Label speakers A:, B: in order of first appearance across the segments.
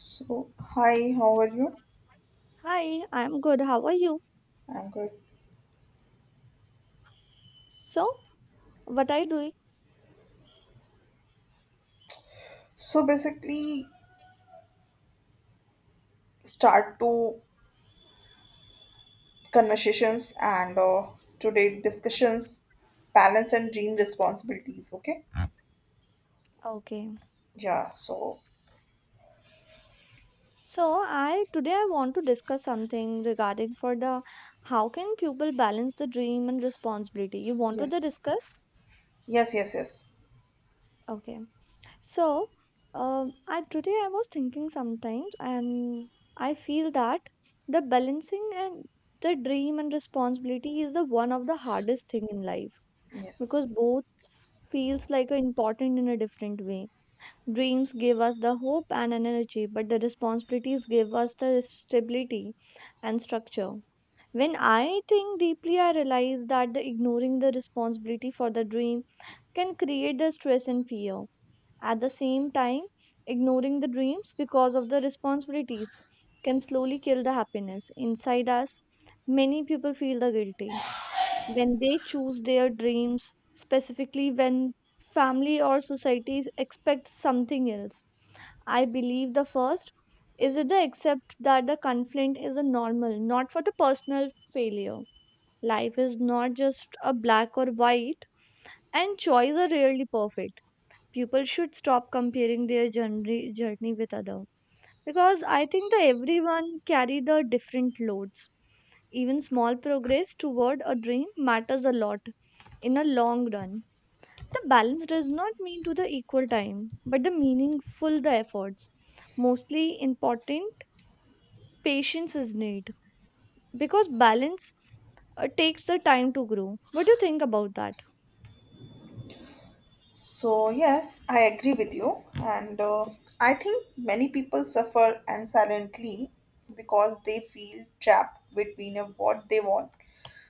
A: So, hi, how are you?
B: Hi, I'm good. How are you?
A: I'm good.
B: So, what are you doing?
A: So, basically, start two conversations and today discussions, balance and dream responsibilities. Okay.
B: Okay.
A: Yeah. So,
B: So, I today I want to discuss something regarding for the how can people balance the dream and responsibility. You want to the
A: yes,
B: discuss?
A: yes, yes, yes,
B: Okay. So, I today I was thinking sometimes, and I feel that the balancing and the dream and responsibility is the one of the hardest thing in life
A: yes.
B: because both feels like a important in a different way. Dreams give us the hope and an energy, but the responsibilities give us the stability and structure. When I think deeply, I realize that the ignoring the responsibility for the dream can create the stress and fear. At the same time, ignoring the dreams because of the responsibilities can slowly kill the happiness inside us. Many people feel the guilty when they choose their dreams, specifically when family or societies expect something else. I believe the first is that they accept that the conflict is a normal, not for the personal failure. Life is not just a black or white, and choice are rarely perfect. People should stop comparing their journey with others because I think that everyone carry the different loads. Even small progress toward a dream matters a lot in a long run. The balance does not mean to the equal time but the meaningful the efforts, mostly important. Patience is need because balance takes the time to grow. What do you think about that?
A: So, yes, I agree with you, and I think many people suffer and silently because they feel trapped between a what they want.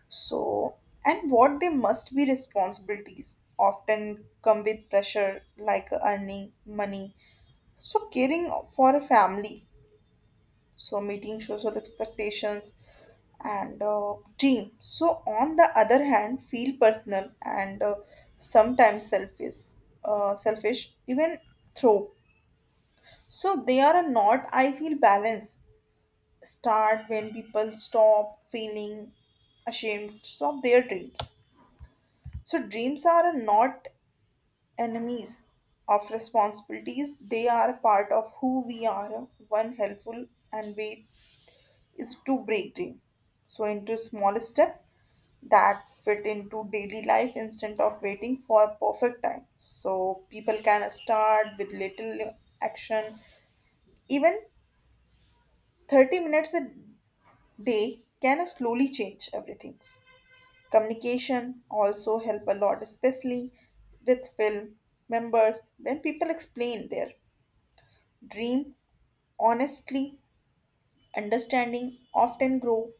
A: So, and what they must be responsibilities often come with pressure like earning money. So, caring for a family, so meeting social expectations and dream. So, on the other hand, feel personal and sometimes selfish, selfish even throw. So, they are a not I feel balance start when people stop feeling ashamed of their dreams. So, dreams are not enemies of responsibilities, they are a part of who we are. One helpful and way is to break dream. So, into small step that fit into daily life instead of waiting for perfect time. So, people can start with little action. Even 30 minutes a day can slowly change everything. Communication also help a lot, especially with film members. When people explain their dream honestly, understanding often grow.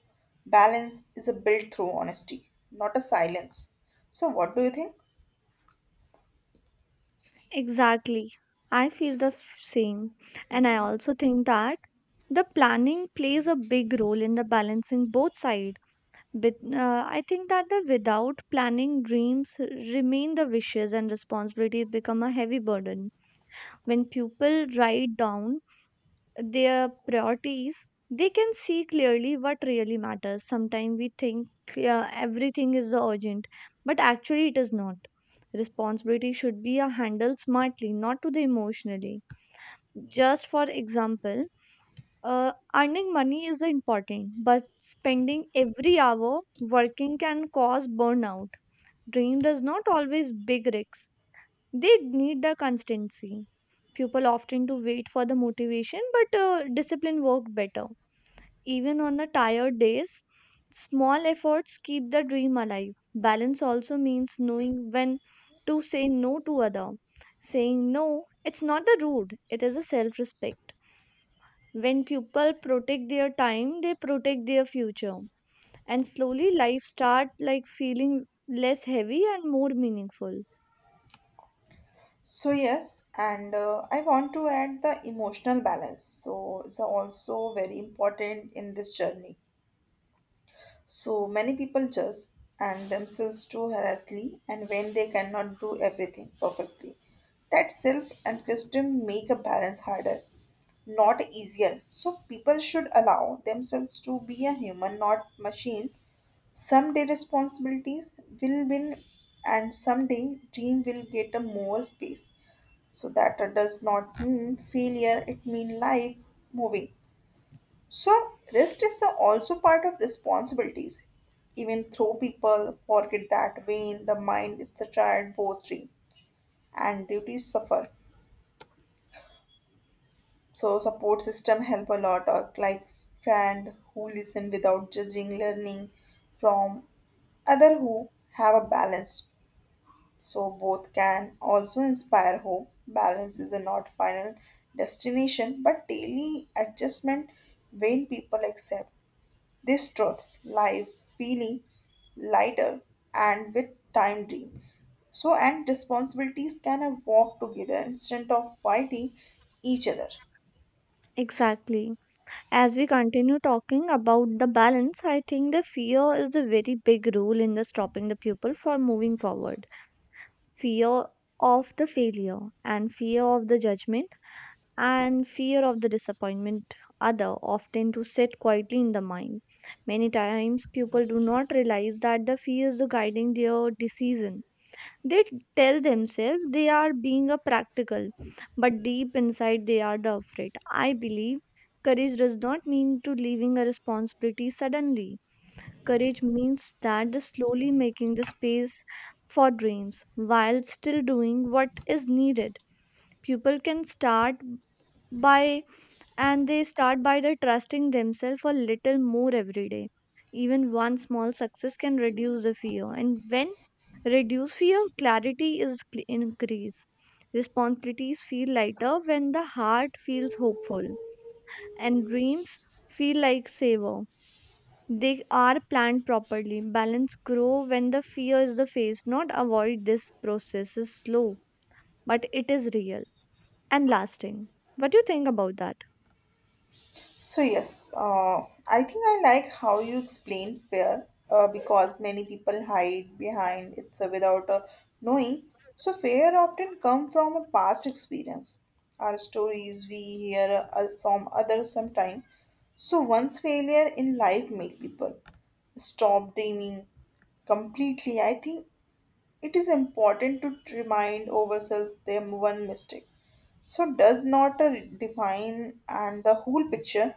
A: Balance is a built through honesty, not a silence. So what do you think?
B: Exactly. I feel the same, and I also think that the planning plays a big role in the balancing both sides. But I think that the without planning dreams remain the wishes and responsibilities become a heavy burden. When people write down their priorities, they can see clearly what really matters. Sometimes we think everything is urgent, but actually it is not. Responsibility should be handled smartly, not to the emotionally. Just for example, earning money is important, but spending every hour working can cause burnout. Dream does not always big risks. They need the constancy. People often to wait for the motivation, but discipline work better. Even on the tired days, small efforts keep the dream alive. Balance also means knowing when to say no to other. Saying no, it's not the rude. It is a self-respect. When people protect their time, they protect their future. And slowly life start like feeling less heavy and more meaningful.
A: So yes, and I want to add the emotional balance, so it's also very important in this journey. So many people judge and themselves too harshly and when they cannot do everything perfectly. That self and criticism make a balance harder, not easier. So people should allow themselves to be a human, not machine. Someday responsibilities will win, and someday dream will get a more space. So that does not mean failure, it means life moving. So, rest is also part of responsibilities. Even though people forget that way the mind, it's a child poetry and duties suffer. So, support system help a lot, or like friend who listen without judging, learning from other who have a balance. So, both can also inspire hope. Balance is a not final destination, but daily adjustment. When people accept this truth, life feeling lighter and with time dream. So and responsibilities can walk together instead of fighting each other.
B: Exactly. As we continue talking about the balance, I think the fear is the very big role in the stopping the people from moving forward. Fear of the failure, and fear of the judgment, and fear of the disappointment other often to sit quietly in the mind. Many times people do not realize that the fears are guiding their decision. They tell themselves they are being a practical, but deep inside they are the afraid. I believe courage does not mean to leaving a responsibility suddenly. Courage means that the slowly making the space for dreams while still doing what is needed. People can start by, and they start by the trusting themselves a little more every day. Even one small success can reduce the fear, and when reduce fear clarity is increase. Responsibilities feel lighter when the heart feels hopeful, and dreams feel like savor. They are planned properly. Balance grow when the fear is the face, not avoid. This process is slow, but it is real and lasting. What do you think about that?
A: So yes, I think I like how you explained fear because many people hide behind it without knowing. So fear often come from a past experience, our stories we hear from others sometime. So once failure in life make people stop dreaming completely. I think it is important to remind ourselves them one mistake so does not define and the whole picture.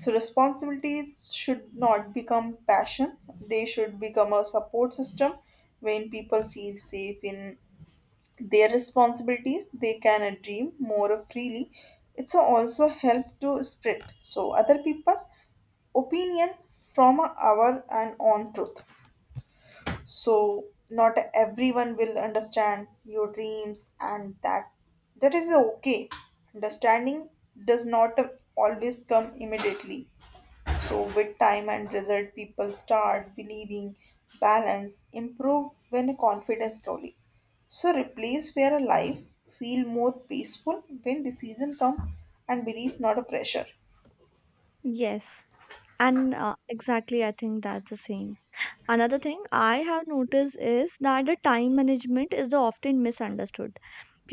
A: So responsibilities should not become passion. They should become a support system. When people feel safe in their responsibilities, they can dream more freely. It's also help to spread so other people opinion from our and on truth. So not everyone will understand your dreams, and that is okay. Understanding does not always come immediately. So, with time and result, people start believing balance improve when confidence slowly. So, replace fear life, feel more peaceful when decision come and belief not a pressure.
B: Yes, and exactly, I think that's the same. Another thing I have noticed is that the time management is the often misunderstood.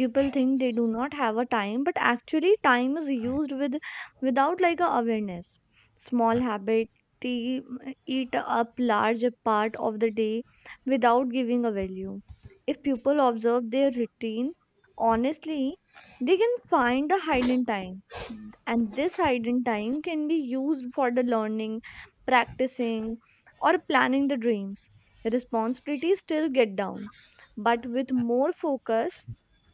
B: People think they do not have a time, but actually time is used with without like a awareness. Small habit, they eat up large part of the day without giving a value. If people observe their routine honestly, they can find the hidden time, and this hidden time can be used for the learning, practicing, or planning the dreams. Responsibilities still get down, but with more focus.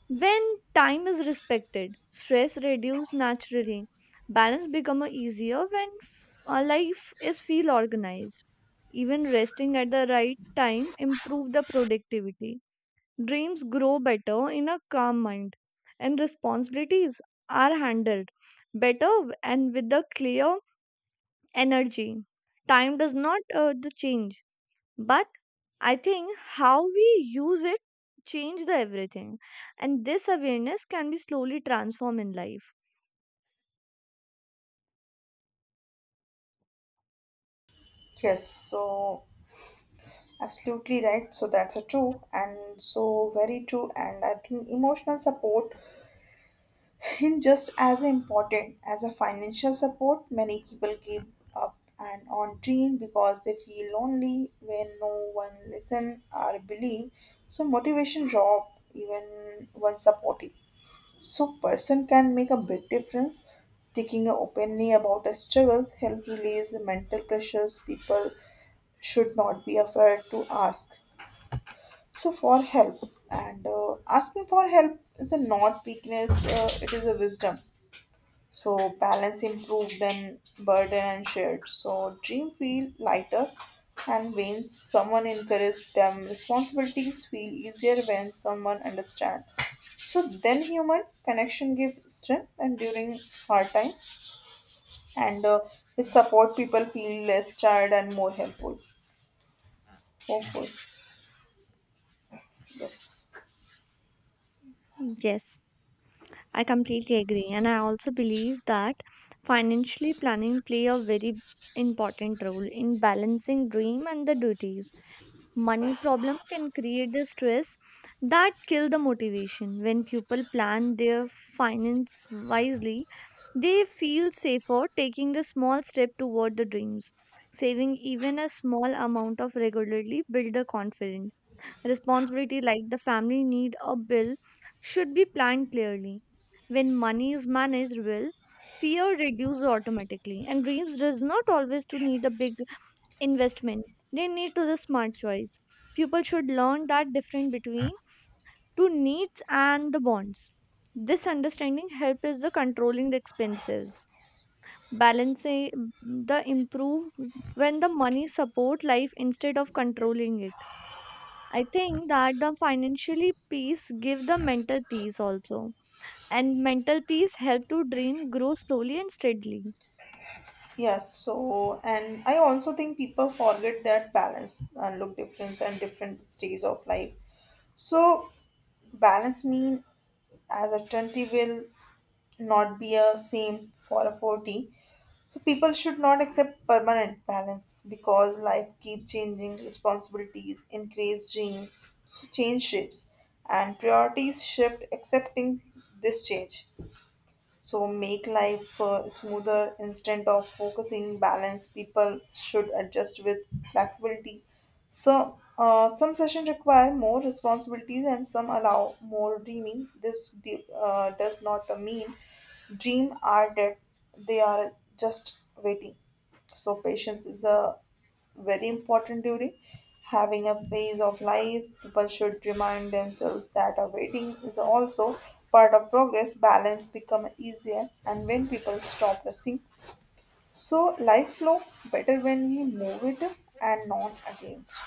B: When time is respected, stress reduces naturally. Balance become a easier when life is feel organized. Even resting at the right time improve the productivity. Dreams grow better in a calm mind, and responsibilities are handled better and with a clear energy. Time does not the change, but I think how we use it change the everything, and this awareness can be slowly transformed in life.
A: Yes, so absolutely right. So that's a true and so very true. And I think emotional support and just as important as a financial support, many people give up and on dream because they feel lonely when no one listen or believe. So motivation drop even when supportive. So person can make a big difference. Taking openly about a struggles help release mental pressures. People should not be afraid to ask so for help, and asking for help is a not weakness, it is a wisdom. So balance improved, then burden and shared. So dream feel lighter and when someone encouraged them, responsibilities feel easier when someone understand. So then human connection give strength and during hard time and with support people feel less tired and more helpful. Hopeful. Yes.
B: Yes, I completely agree, and I also believe that financially planning play a very important role in balancing dream and the duties. Money problem can create the stress that kill the motivation. When people plan their finance wisely, they feel safer taking the small step toward the dreams. Saving even a small amount of regularly build the confidence. Responsibility like the family need or bill should be planned clearly. When money is managed well, fear reduces automatically, and dreams does not always to need a big investment. They need to the smart choice. People should learn that difference between two needs and the bonds. This understanding helps the controlling the expenses. Balancing the improve when the money support life instead of controlling it. I think that the financially peace give the mental peace also, and mental peace help to dream grow slowly and steadily.
A: Yes, so and I also think people forget that balance and look different and different stages of life. So balance mean as a 20 will not be a same for a 40, so people should not accept permanent balance because life keeps changing responsibilities increase change. Change shifts and priorities shift. Accepting this change so make life smoother instead of focusing balance, people should adjust with flexibility. So some sessions require more responsibilities and some allow more dreaming. Does not mean dream are dead, they are just waiting. So patience is a very important during having a phase of life. People should remind themselves that a waiting is also part of progress. Balance become easier, and when people stop rushing, so life flow better when we move it and not against.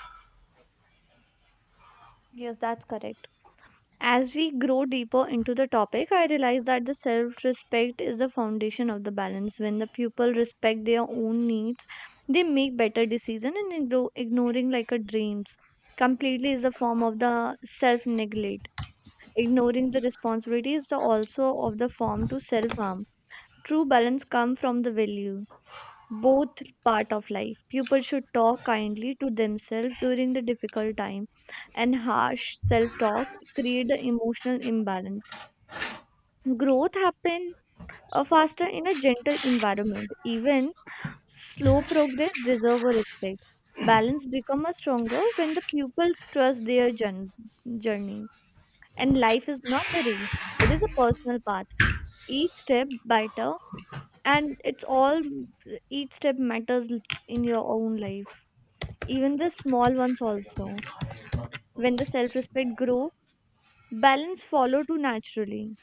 B: Yes, that's correct. As we grow deeper into the topic, I realize that the self respect is the foundation of the balance. When the people respect their own needs, they make better decisions, and ignoring like a dreams completely is a form of the self neglect. Ignoring the responsibility is the also of the form to self harm. True balance comes from the value both part of life. People should talk kindly to themselves during the difficult time, and harsh self talk create the emotional imbalance. Growth happen faster in a gentle environment. Even slow progress deserve a respect. Balance become a stronger when the pupils trust their journey. And life is not the race; it is a personal path. Each step better, and it's all each step matters in your own life, even the small ones also. When the self respect grow, balance follow too naturally.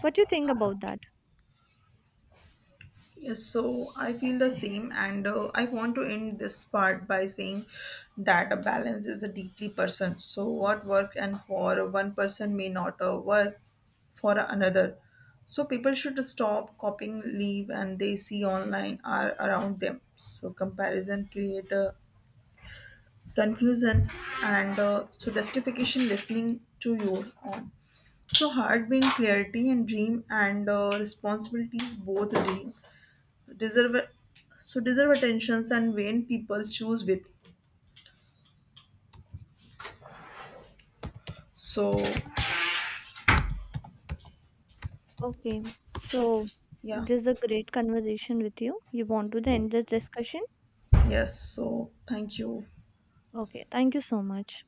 B: What you think about that?
A: Yes, so I feel the same, and I want to end this part by saying that a balance is a deeply person. So, what work and for one person may not work for another. So, people should stop copying, leave, and they see online are around them. So, comparison create a confusion, and so justification listening to your own. So, heart being clarity and dream and responsibilities both dream deserve so deserve attentions and vain people choose with so
B: Okay, so
A: yeah.
B: this is a great conversation with you. You want to end this discussion?
A: Yes, so thank you.
B: Okay, thank you so much.